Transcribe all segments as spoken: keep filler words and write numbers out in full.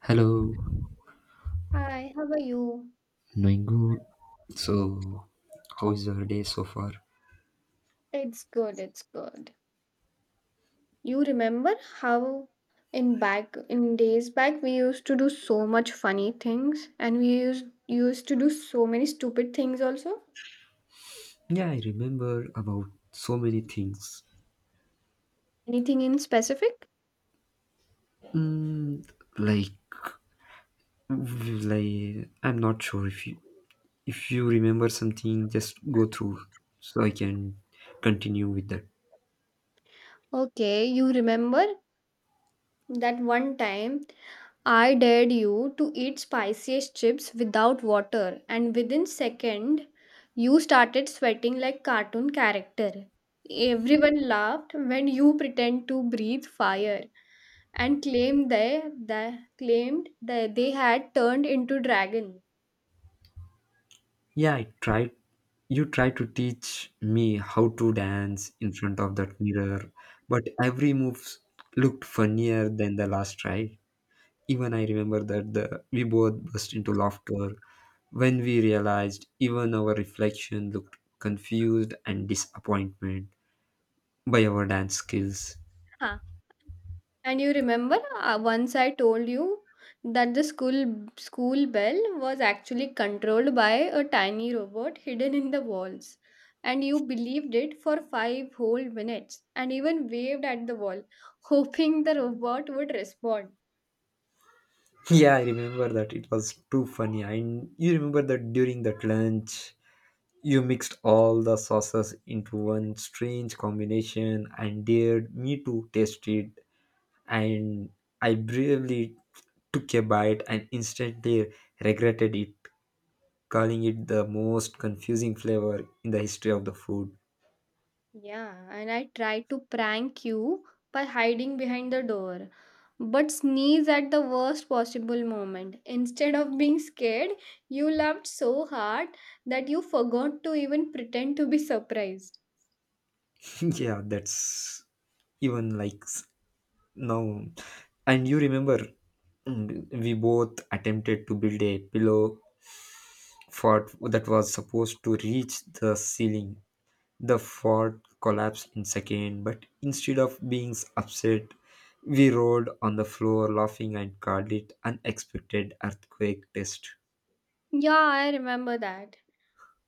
Hello, Hi, how are you? doing good. So, how is your day so far? It's good, it's good. You remember how in back in days back we used to do so much funny things and we used used to do so many stupid things also? Yeah, I remember about so many things. Anything in specific? Mm, like, like I'm not sure if you if you remember something, just go through so I can continue with that. Okay, you remember that one time I dared you to eat spiciest chips without water, and within second you started sweating like cartoon character. Everyone laughed when you pretend to breathe fire and claimed they, they claimed that they had turned into dragon. Yeah, I tried. You tried to teach me how to dance in front of that mirror, but every move looked funnier than the last, right? Even I remember that the, we both burst into laughter when we realized even our reflection looked confused and disappointment by our dance skills. Huh. And you remember, uh, once I told you that the school school bell was actually controlled by a tiny robot hidden in the walls. And you believed it for five whole minutes and even waved at the wall, hoping the robot would respond. Yeah, I remember that. It was too funny. And you remember that during that lunch, you mixed all the sauces into one strange combination and dared me to taste it. And I bravely took a bite and instantly regretted it, calling it the most confusing flavor in the history of the food. Yeah, and I tried to prank you by hiding behind the door, but sneeze at the worst possible moment. Instead of being scared, you laughed so hard that you forgot to even pretend to be surprised. yeah, that's even like s- now. And you remember mm, we both attempted to build a pillow fort that was supposed to reach the ceiling. The fort collapsed in second, but instead of being upset, we rolled on the floor laughing and called it unexpected earthquake test. Yeah, I remember that.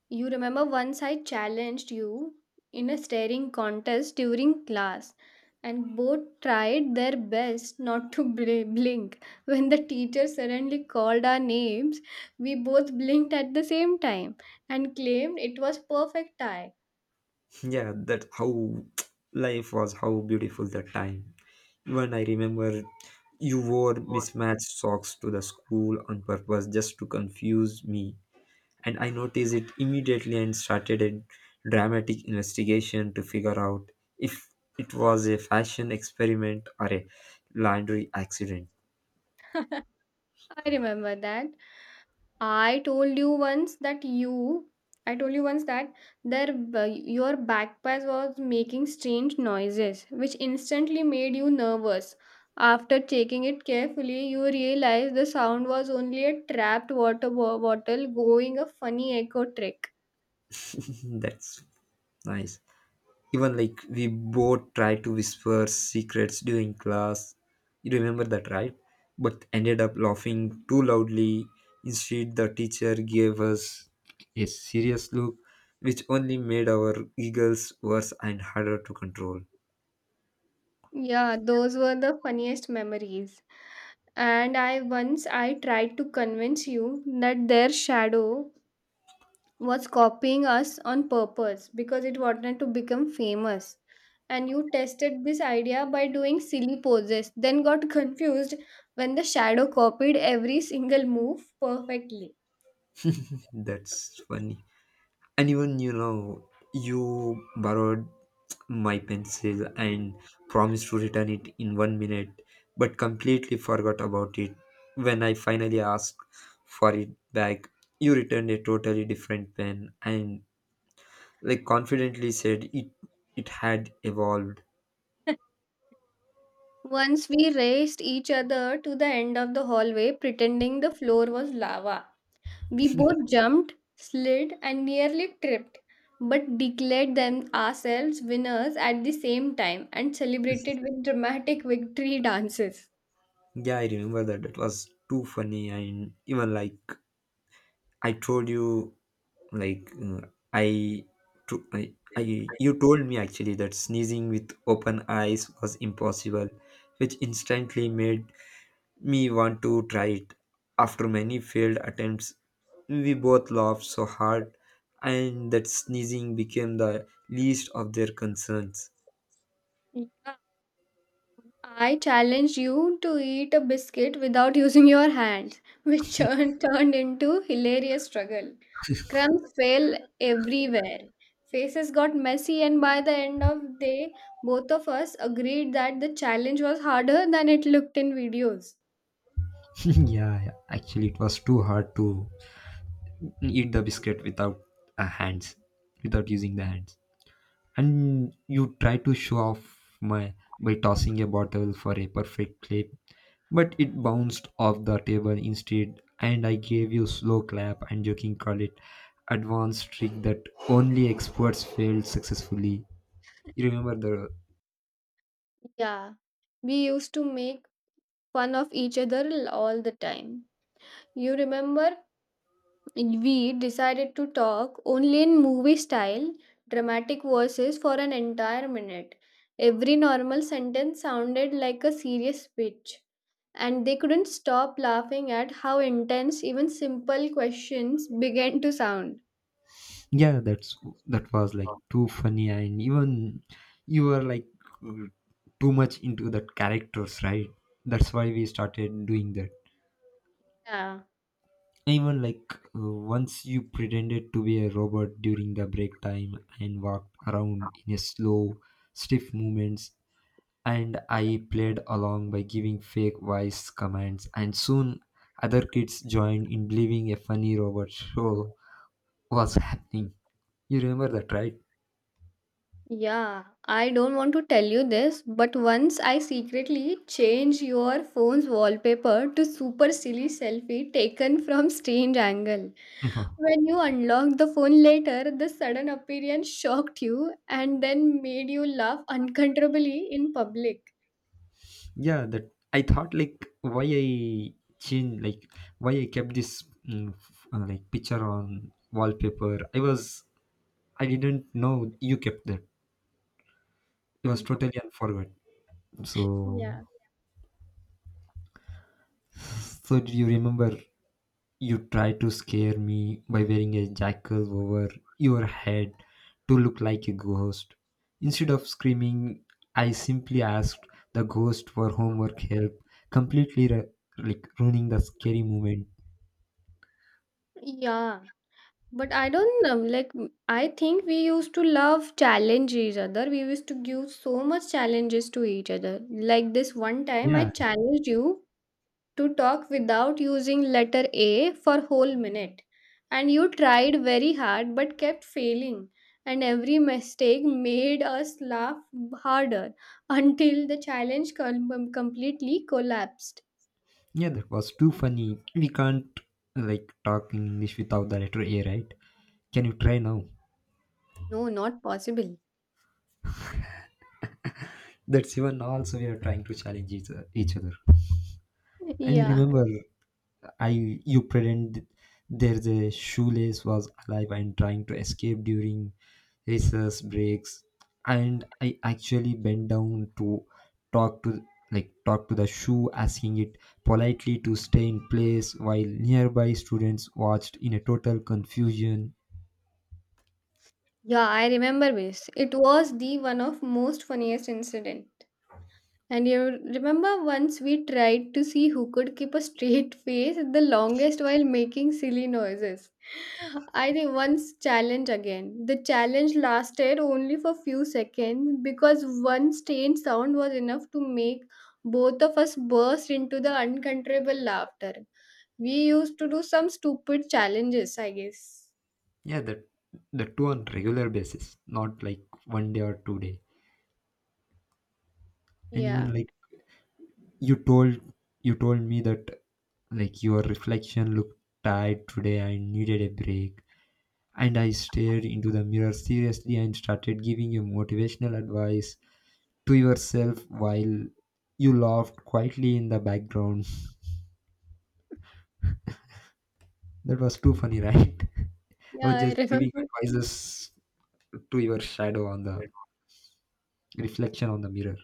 You remember once I challenged you in a staring contest during class, and both tried their best not to bl- blink. When the teacher suddenly called our names, we both blinked at the same time and claimed it was perfect tie. yeah that how life was, how beautiful that time. Even i remember you wore mismatched socks to the school on purpose just to confuse me, and i noticed it immediately and started a dramatic investigation to figure out if it was a fashion experiment or a laundry accident. I remember that. I told you once that you, I told you once that their b- your backpack was making strange noises, which instantly made you nervous. After checking it carefully, you realized the sound was only a trapped water bo- bottle going a funny echo trick. that's nice. Even like we both tried to whisper secrets during class. You remember that, right? But ended up laughing too loudly. Instead, the teacher gave us a serious look, which only made our giggles worse and harder to control. Yeah, those were the funniest memories. And I once I tried to convince you that their shadow was copying us on purpose because it wanted to become famous. And you tested this idea by doing silly poses, then got confused when the shadow copied every single move perfectly. That's funny. And even, you know, you borrowed my pencil and promised to return it in one minute, but completely forgot about it. When I finally asked for it back, you returned a totally different pen and, like, confidently said it it had evolved. Once we raced each other to the end of the hallway, pretending the floor was lava. We both jumped, slid, and nearly tripped, but declared them ourselves winners at the same time and celebrated with dramatic victory dances. Yeah, I remember that. That was too funny. And even like I told you, like mm, I, to, I, I, you told me actually that sneezing with open eyes was impossible, which instantly made me want to try it. After many failed attempts, we both laughed so hard, and that sneezing became the least of their concerns. Yeah, I challenged you to eat a biscuit without using your hands, which turn- turned into hilarious struggle. Crumbs fell everywhere. Faces got messy, and by the end of the day, both of us agreed that the challenge was harder than it looked in videos. Yeah, yeah, actually, it was too hard to eat the biscuit without uh, hands, without using the hands. And you try to show off my by tossing a bottle for a perfect flip, but it bounced off the table instead, and i gave you slow clap and joking call it advanced trick that only experts failed successfully. You remember the Yeah, we used to make fun of each other l- all the time. You remember we decided to talk only in movie style, dramatic voices for an entire minute. Every normal sentence sounded like a serious speech, and they couldn't stop laughing at how intense even simple questions began to sound. yeah that's that was like too funny. And even you were like too much into that characters, right? That's why we started doing that. Yeah. Even like uh, once you pretended to be a robot during the break time and walked around in a slow, stiff movements, and I played along by giving fake voice commands, and soon other kids joined in believing a funny robot show was happening. You remember that, right? Yeah, I don't want to tell you this, but once I secretly changed your phone's wallpaper to super silly selfie taken from strange angle. When you unlocked the phone later, the sudden appearance shocked you and then made you laugh uncontrollably in public. yeah, that I thought like why I changed like why I kept this mm, f- uh, like picture on wallpaper. I was I didn't know you kept them. It was Mhm. totally unforgot. So, Yeah. so do you remember you tried to scare me by wearing a jackal over your head to look like a ghost? Instead of screaming, I simply asked the ghost for homework help, completely ru- like ruining the scary moment. Yeah. But I don't, um, like, m- I think we used to love challenge each other. We used to give so much challenges to each other. Like this one time I Yeah, challenged you to talk without using letter A for whole minute. And you tried very hard but kept failing. And every mistake made us laugh harder until the challenge com- completely collapsed. yeah, that was too funny. We can't like talk in English without the letter A, right? Can you try now? No, not possible. That's even also we are trying to challenge each each other. And you Yeah. remember I you pretend there's the shoelace was alive and trying to escape during recess breaks, and I actually bent down to talk to like talk to the shoe, asking it politely to stay in place while nearby students watched in a total confusion. Yeah, I remember this. It was the one of most funniest incident. And you remember once we tried to see who could keep a straight face the longest while making silly noises. I think once challenge again. The challenge lasted only for few seconds because one strange sound was enough to make both of us burst into the uncontrollable laughter. We used to do some stupid challenges, I guess. Yeah, that that two on regular basis, not like one day or two day. And Yeah. even like you told you told me that like your reflection looked tired today and needed a break. And I stared into the mirror seriously and started giving you motivational advice to yourself while you laughed quietly in the background. That was too funny, right? I Yeah, was I just giving remember. advices to your shadow on the reflection on the mirror.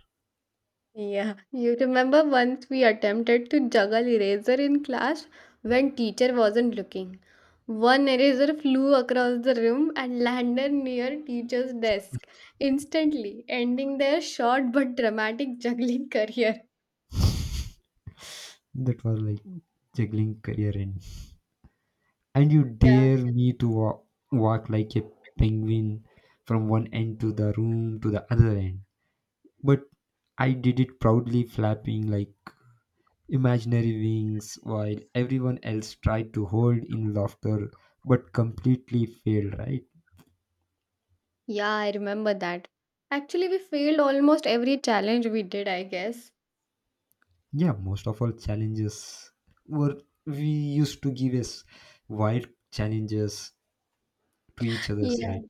Yeah, you remember once we attempted to juggle eraser in class when teacher wasn't looking. One eraser flew across the room and landed near teacher's desk, instantly ending their short but dramatic juggling career. That was like juggling career end. And you Yeah. dare me to walk, walk like a penguin from one end to the room to the other end. But I did it proudly, flapping like imaginary wings while everyone else tried to hold in laughter but completely failed, right? Yeah, I remember that. Actually, we failed almost every challenge we did, I guess. Yeah, most of all challenges were we used to give us wild challenges to each other's, Yeah. right?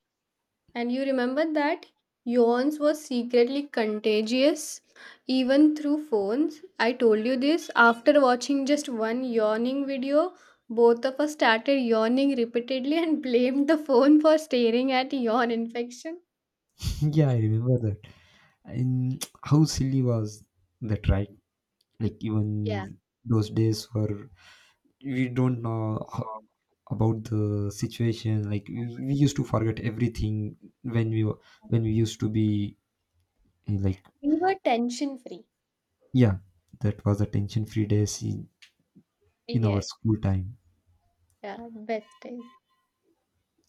And you remember that yawns were secretly contagious even through phones. I told you this after watching just one yawning video. Both of us started yawning repeatedly and blamed the phone for staring at yawn infection. Yeah, I remember that. And how silly was that, right? Like Yeah. even those days were we don't know about the situation like we, we used to forget everything when we were when we used to be eh, like We were tension free. yeah that was the tension free days in, in our Yes. school time. Yeah, best time.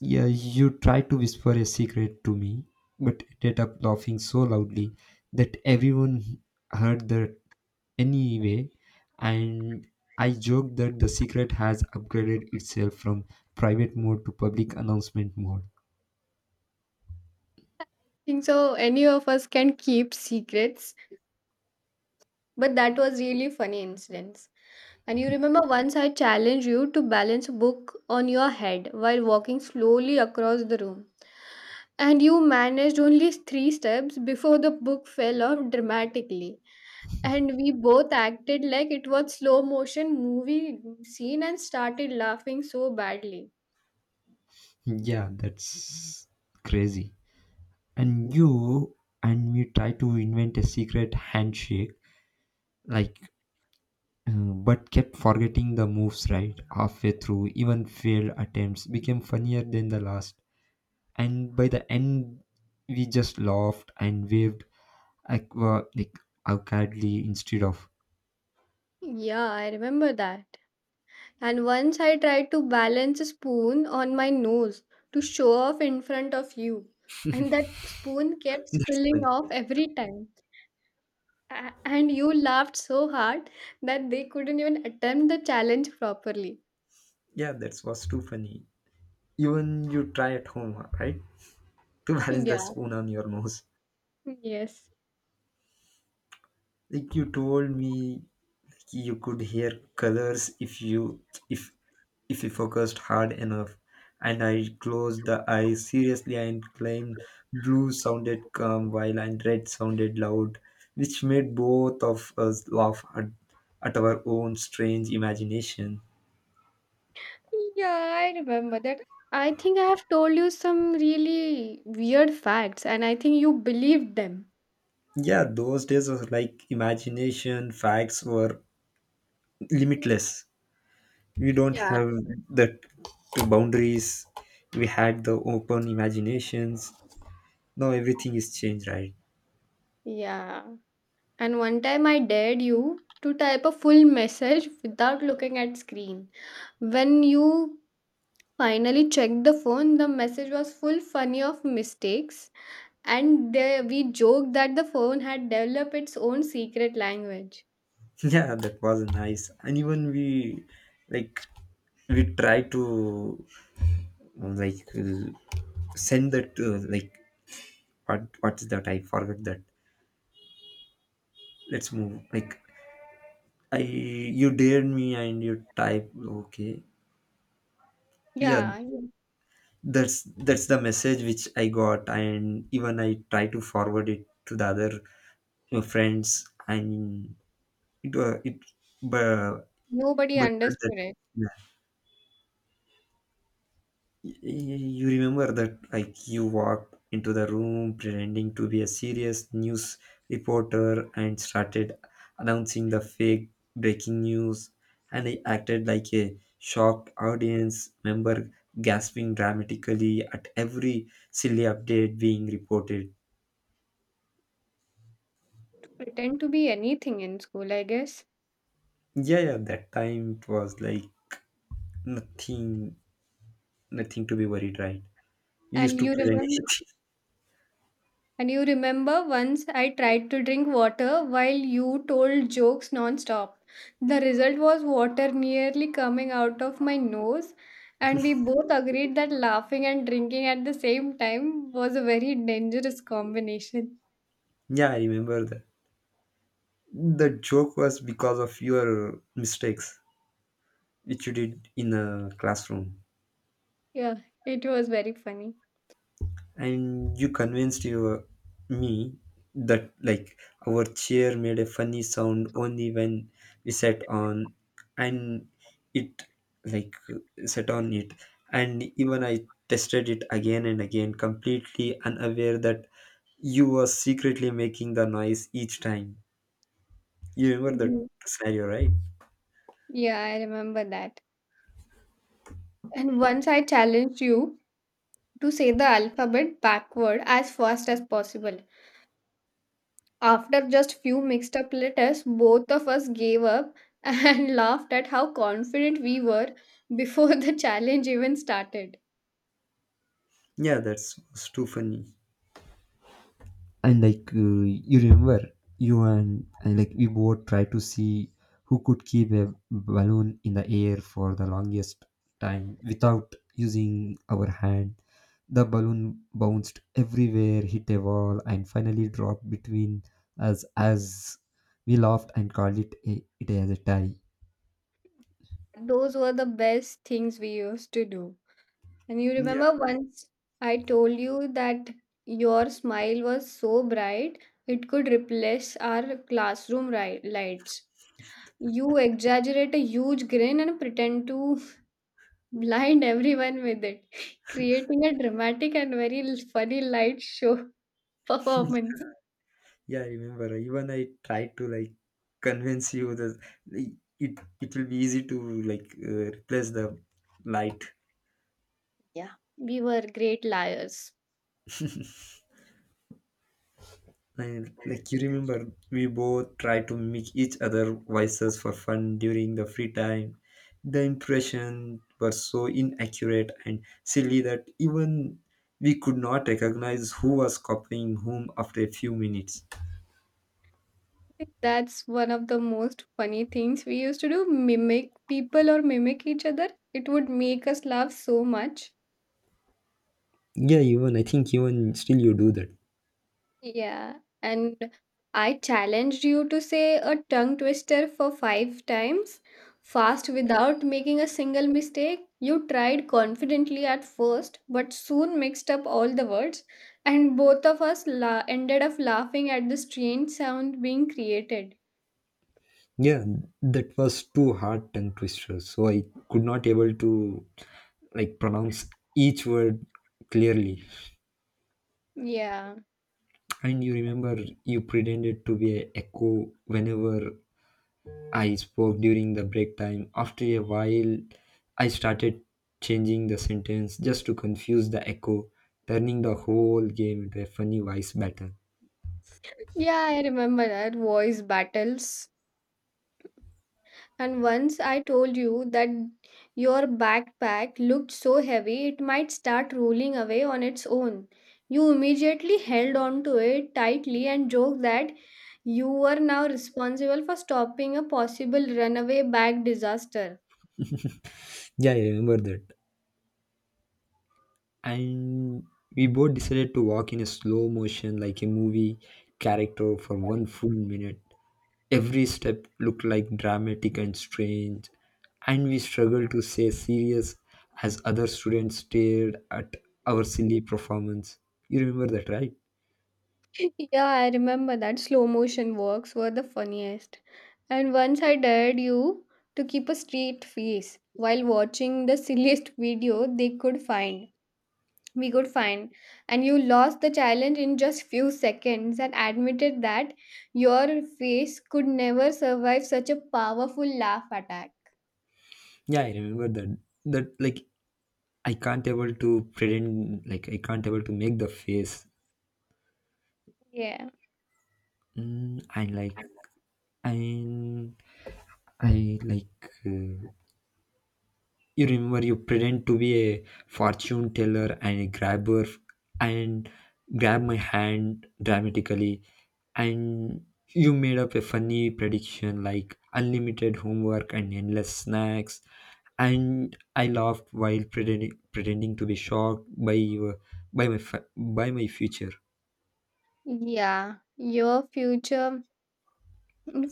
Yeah you tried to whisper a secret to me but ended up laughing so loudly that everyone heard that anyway, and i joked that the secret has upgraded itself from private mode to public announcement mode. Think so any of us can keep secrets, but that was really funny incidents. And you remember once I challenged you to balance a book on your head while walking slowly across the room. And you managed only three steps before the book fell off dramatically. And we both acted like it was slow motion movie scene and started laughing so badly. yeah that's crazy. And you and me try to invent a secret handshake like uh, but kept forgetting the moves right halfway through. Even failed attempts became funnier than the last, and by the end we just laughed and waved aqua like awkwardly instead of. Yeah, I remember that. And once I tried to balance a spoon on my nose to show off in front of you. And that spoon kept That's spilling funny. off every time. A- and you laughed so hard that they couldn't even attempt the challenge properly. Yeah that was too funny. Even you try at home, right, to balance the Yeah, spoon on your nose. yes. Like you told me you could hear colors if you if if you focused hard enough, and i closed the eyes seriously and claimed blue sounded calm while and red sounded loud, which made both of us laugh at, at our own strange imagination. Yeah, I remember that. I think I have told you some really weird facts, and I think you believed them. Yeah those days was like imagination facts were limitless. We don't Yeah. have the the boundaries. We had the open imaginations. Now everything is changed, right? Yeah. And one time I dared you to type a full message without looking at screen. When you finally checked the phone, the message was full funny of mistakes, and they we joked that the phone had developed its own secret language. Yeah, that was nice. And even we like we try to like uh, send that uh, like what what is that? I forgot that. Let's move. Like I you dared me and you type okay. Yeah, Yeah, you- that's that's the message which I got, and even I try to forward it to the other uh, friends and it uh, it but nobody but that, understood it. Y- You remember that, like, you walked into the room pretending to be a serious news reporter and started announcing the fake breaking news, and I acted like a shocked audience member, gasping dramatically at every silly update being reported. Pretend to be anything in school, I guess. Yeah, yeah, that time it was like nothing, nothing to be worried, right? We used And to you pretend remember anything. and you remember once I tried to drink water while you told jokes non-stop. The result was water nearly coming out of my nose, and we both agreed that laughing and drinking at the same time was a very dangerous combination. Yeah, I remember that. The joke was because of your mistakes, which you did in a classroom. Yeah, it was very funny. And you convinced your me that like our chair made a funny sound only when we sat on, and it like sat on it. And even i tested it again and again, completely unaware that you were secretly making the noise each time. You remember that scenario, right? Yeah, I remember that. And once I challenged you to say the alphabet backward as fast as possible. After just few mixed up letters, both of us gave up and laughed at how confident we were before the challenge even started. Yeah that's was too funny. And like uh, you remember, you and, and like we both try to see who could keep a balloon in the air for the longest time without using our hand. The balloon bounced everywhere, hit a wall, and finally dropped between us as we laughed and called it a, it as a tie. Those were the best things we used to do. And you Yeah, remember once I told you that your smile was so bright it could replace our classroom ri- lights. You exaggerate a huge grin and pretend to blind everyone with it, creating a dramatic and very l- funny light show performance. yeah, I remember. Even I tried to like convince you that it it will be easy to like uh, replace the light. Yeah, we were great liars. And like you remember, we both tried to make each other voices for fun during the free time. The impressions were so inaccurate and silly that even we could not recognize who was copying whom after a few minutes. I think that's one of the most funny things we used to do, mimic people or mimic each other. It would make us laugh so much. Yeah, even I think even still you do that. Yeah, and I challenged you to say a tongue twister for five times fast without making a single mistake. You tried confidently at first, but soon mixed up all the words, and both of us la- ended up laughing at the strange sound being created. Yeah, that was too hard tongue twisters, so I could not able to like pronounce each word clearly. Yeah. And you remember you pretended to be a echo whenever I spoke during the break time. After a while, I started changing the sentence just to confuse the echo, turning the whole game into a funny voice battle. Yeah, I remember that voice battles. And once I told you that your backpack looked so heavy it might start rolling away on its own. You immediately held on to it tightly and joked that you were now responsible for stopping a possible runaway bag disaster. Yeah, I remember that. And we both decided to walk in a slow motion like a movie character for one full minute. Every step looked like dramatic and strange, and we struggled to stay serious as other students stared at our silly performance. You remember that, right? Yeah, I remember that slow motion works were the funniest. And once I dared you to keep a straight face while watching the silliest video they could find we could find, and you lost the challenge in just few seconds and admitted that your face could never survive such a powerful laugh attack. Yeah, I remember that. That like I can't able to pretend, like I can't able to make the face, Yeah. mm, and like I, I like uh, you remember you pretend to be a fortune teller and a grabber and grab my hand dramatically, and you made up a funny prediction like unlimited homework and endless snacks, and I laughed while pretending, pretending to be shocked by your, by my fa- by my future. Yeah, your future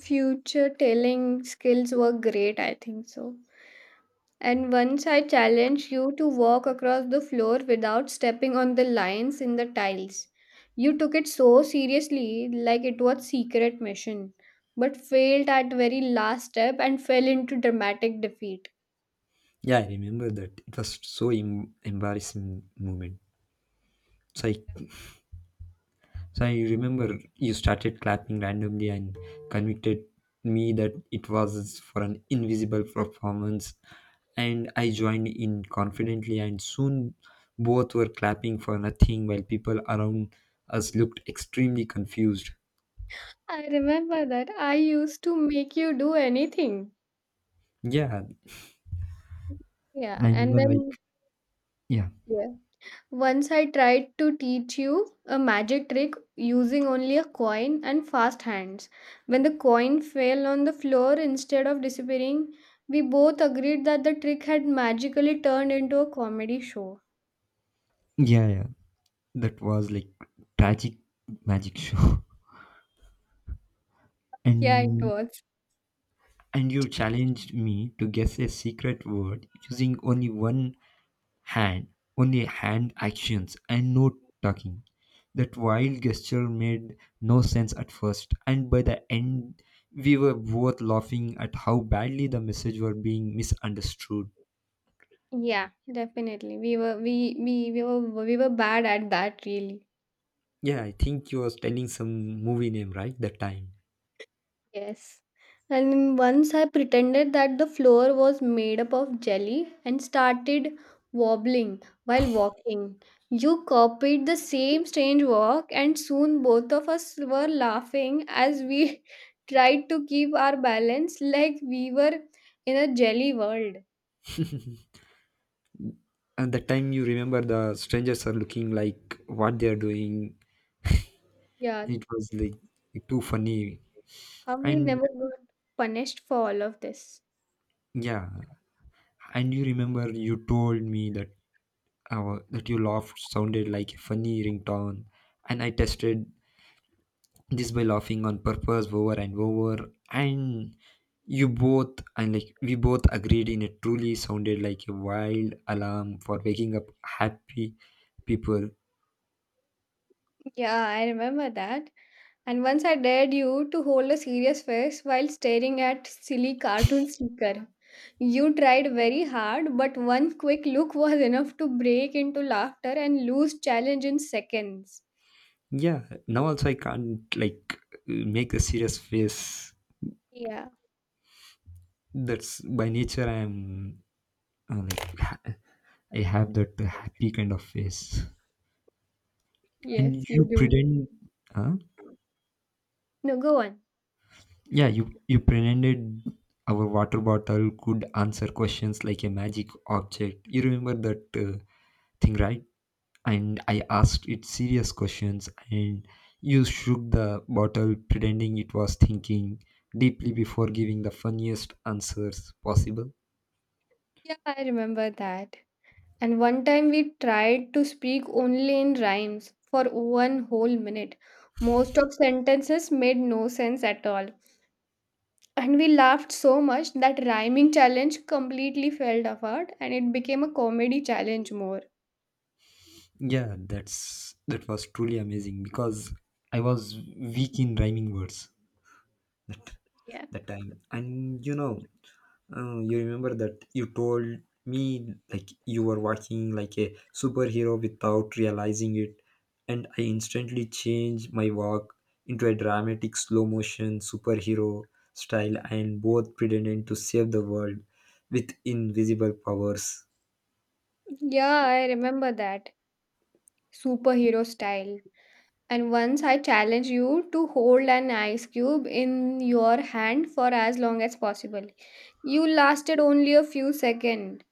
future telling skills were great, I think so. And once I challenged you to walk across the floor without stepping on the lines in the tiles. You took it so seriously, like it was secret mission, but failed at very last step and fell into dramatic defeat. Yeah, I remember that. It was so em- embarrassing moment. So I So I remember you started clapping randomly and convicted me that it was for an invisible performance. And I joined in confidently, and soon both were clapping for nothing while people around us looked extremely confused. I remember that I used to make you do anything. Yeah, Yeah, and and even like, then yeah, yeah. Once I tried to teach you a magic trick using only a coin and fast hands. When the coin fell on the floor instead of disappearing, we both agreed that the trick had magically turned into a comedy show. yeah, yeah. That was like tragic magic show. Yeah, it And was. and you challenged me to guess a secret word using only one hand, only hand actions and no talking. That wild gesture made no sense at first, and by the end, we were both laughing at how badly the message were being misunderstood. Yeah, definitely. We were we we, we were we were bad at that really. Yeah, I think you was telling some movie name, right? That time. Yes. And once I pretended that the floor was made up of jelly and started wobbling while walking. You copied the same strange walk, and soon both of us were laughing as we tried to keep our balance like we were in a jelly world. And that time you remember the strangers are looking like what they are doing. Yeah, And it was like too funny. how we And never got punished for all of this. yeah, and you remember you told me that uh, that you laughed sounded like a funny ringtone, and I tested this by laughing on purpose over and over, and you both, and like we both agreed in it truly sounded like a wild alarm for waking up happy people. Yeah, I remember that. And once I dared you to hold a serious face while staring at silly cartoon sticker. You tried very hard, but one quick look was enough to break into laughter and lose challenge in seconds. Yeah, now also I can't like make a serious face. Yeah, That's by nature I am uh, like ha- I have that happy kind of face. yes, And you you do. pretend, huh? No, go on. Yeah, you, you pretended our water bottle could answer questions like a magic object. You remember that uh, thing, right? And I asked it serious questions, and you shook the bottle, pretending it was thinking deeply before giving the funniest answers possible. Yeah, I remember that. And one time we tried to speak only in rhymes for one whole minute. Most of sentences made no sense at all, and we laughed so much that rhyming challenge completely fell apart and it became a comedy challenge more. Yeah, that's that was truly amazing because I was weak in rhyming words that Yeah. that time, and you know, oh, you remember that you told me like you were watching like a superhero without realizing it, and I instantly changed my walk into a dramatic slow motion superhero style and both pretended to save the world with invisible powers. Yeah, I remember that. Superhero style. And once I challenged you to hold an ice cube in your hand for as long as possible. You lasted only a few seconds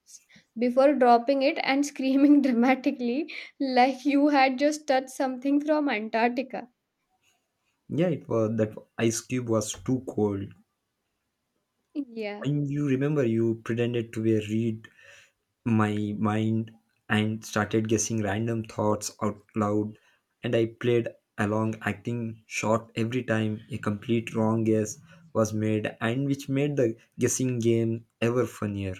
before dropping it and screaming dramatically like you had just touched something from Antarctica. Yeah, it was that ice cube was too cold. Yeah. And you remember you pretended to be a reed my mind and started guessing random thoughts out loud, and I played along acting short every time a complete wrong guess was made, and which made the guessing game ever funnier.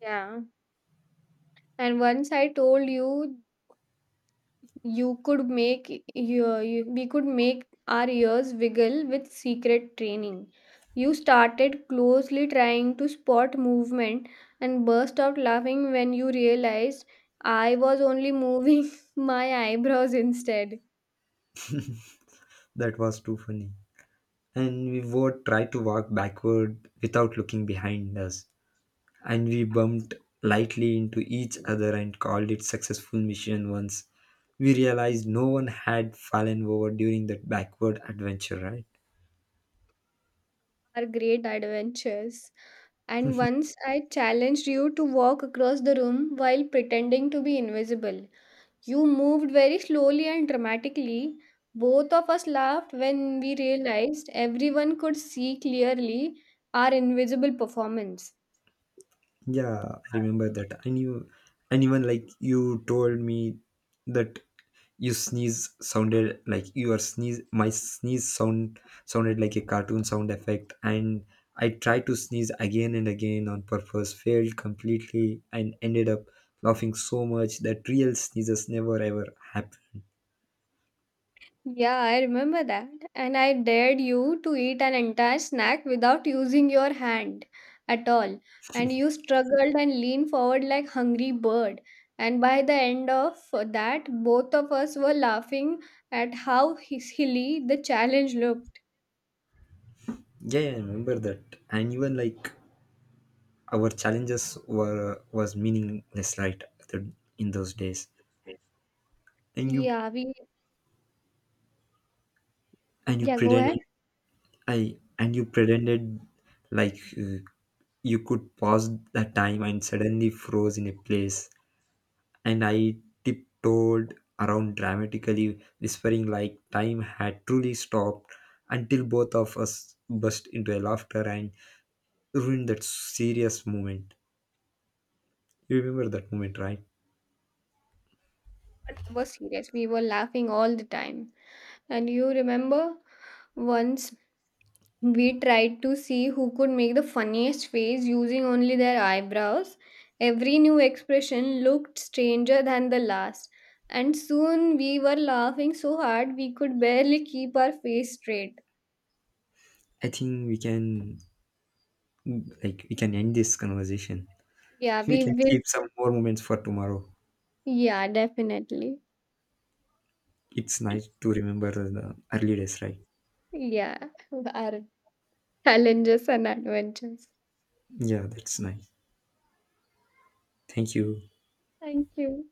Yeah. And once I told you you could make your, you- we could make our ears wiggle with secret training. You started closely trying to spot movement and burst out laughing when you realized I was only moving my eyebrows instead. That was too funny, and we would try to walk backward without looking behind us, and we bumped lightly into each other and called it successful mission once we realized no one had fallen over during that backward adventure, right? Our great adventures. And once I challenged you to walk across the room while pretending to be invisible. You moved very slowly and dramatically. Both of us laughed when we realized everyone could see clearly our invisible performance. Yeah, I remember that. I knew, and even like you told me that you sneeze sounded like your sneeze, my sneeze sound sounded like a cartoon sound effect. And I tried to sneeze again and again on purpose, failed completely, and ended up laughing so much that real sneezes never ever happened. Yeah, I remember that. And I dared you to eat an entire snack without using your hand at all. And you struggled and leaned forward like hungry bird. And by the end of that, both of us were laughing at how his- silly the challenge looked. Yeah, yeah, I remember that. And even like our challenges were was meaningless, right? the- In those days, and you Yeah, we and you yeah, go ahead. pretended, I and you pretended like uh, you could pause the time and suddenly froze in a place. And I tiptoed around dramatically, whispering like time had truly stopped until both of us burst into a laughter and ruined that serious moment. You remember that moment, right? That was serious. We were laughing all the time. And you remember once we tried to see who could make the funniest face using only their eyebrows. Every new expression looked stranger than the last. And soon we were laughing so hard we could barely keep our face straight. I think we can like we can end this conversation. Yeah, We we can will. keep some more moments for tomorrow. Yeah, definitely. It's nice to remember the early days, right? Yeah, our challenges and adventures. Yeah, that's nice. Thank you. Thank you.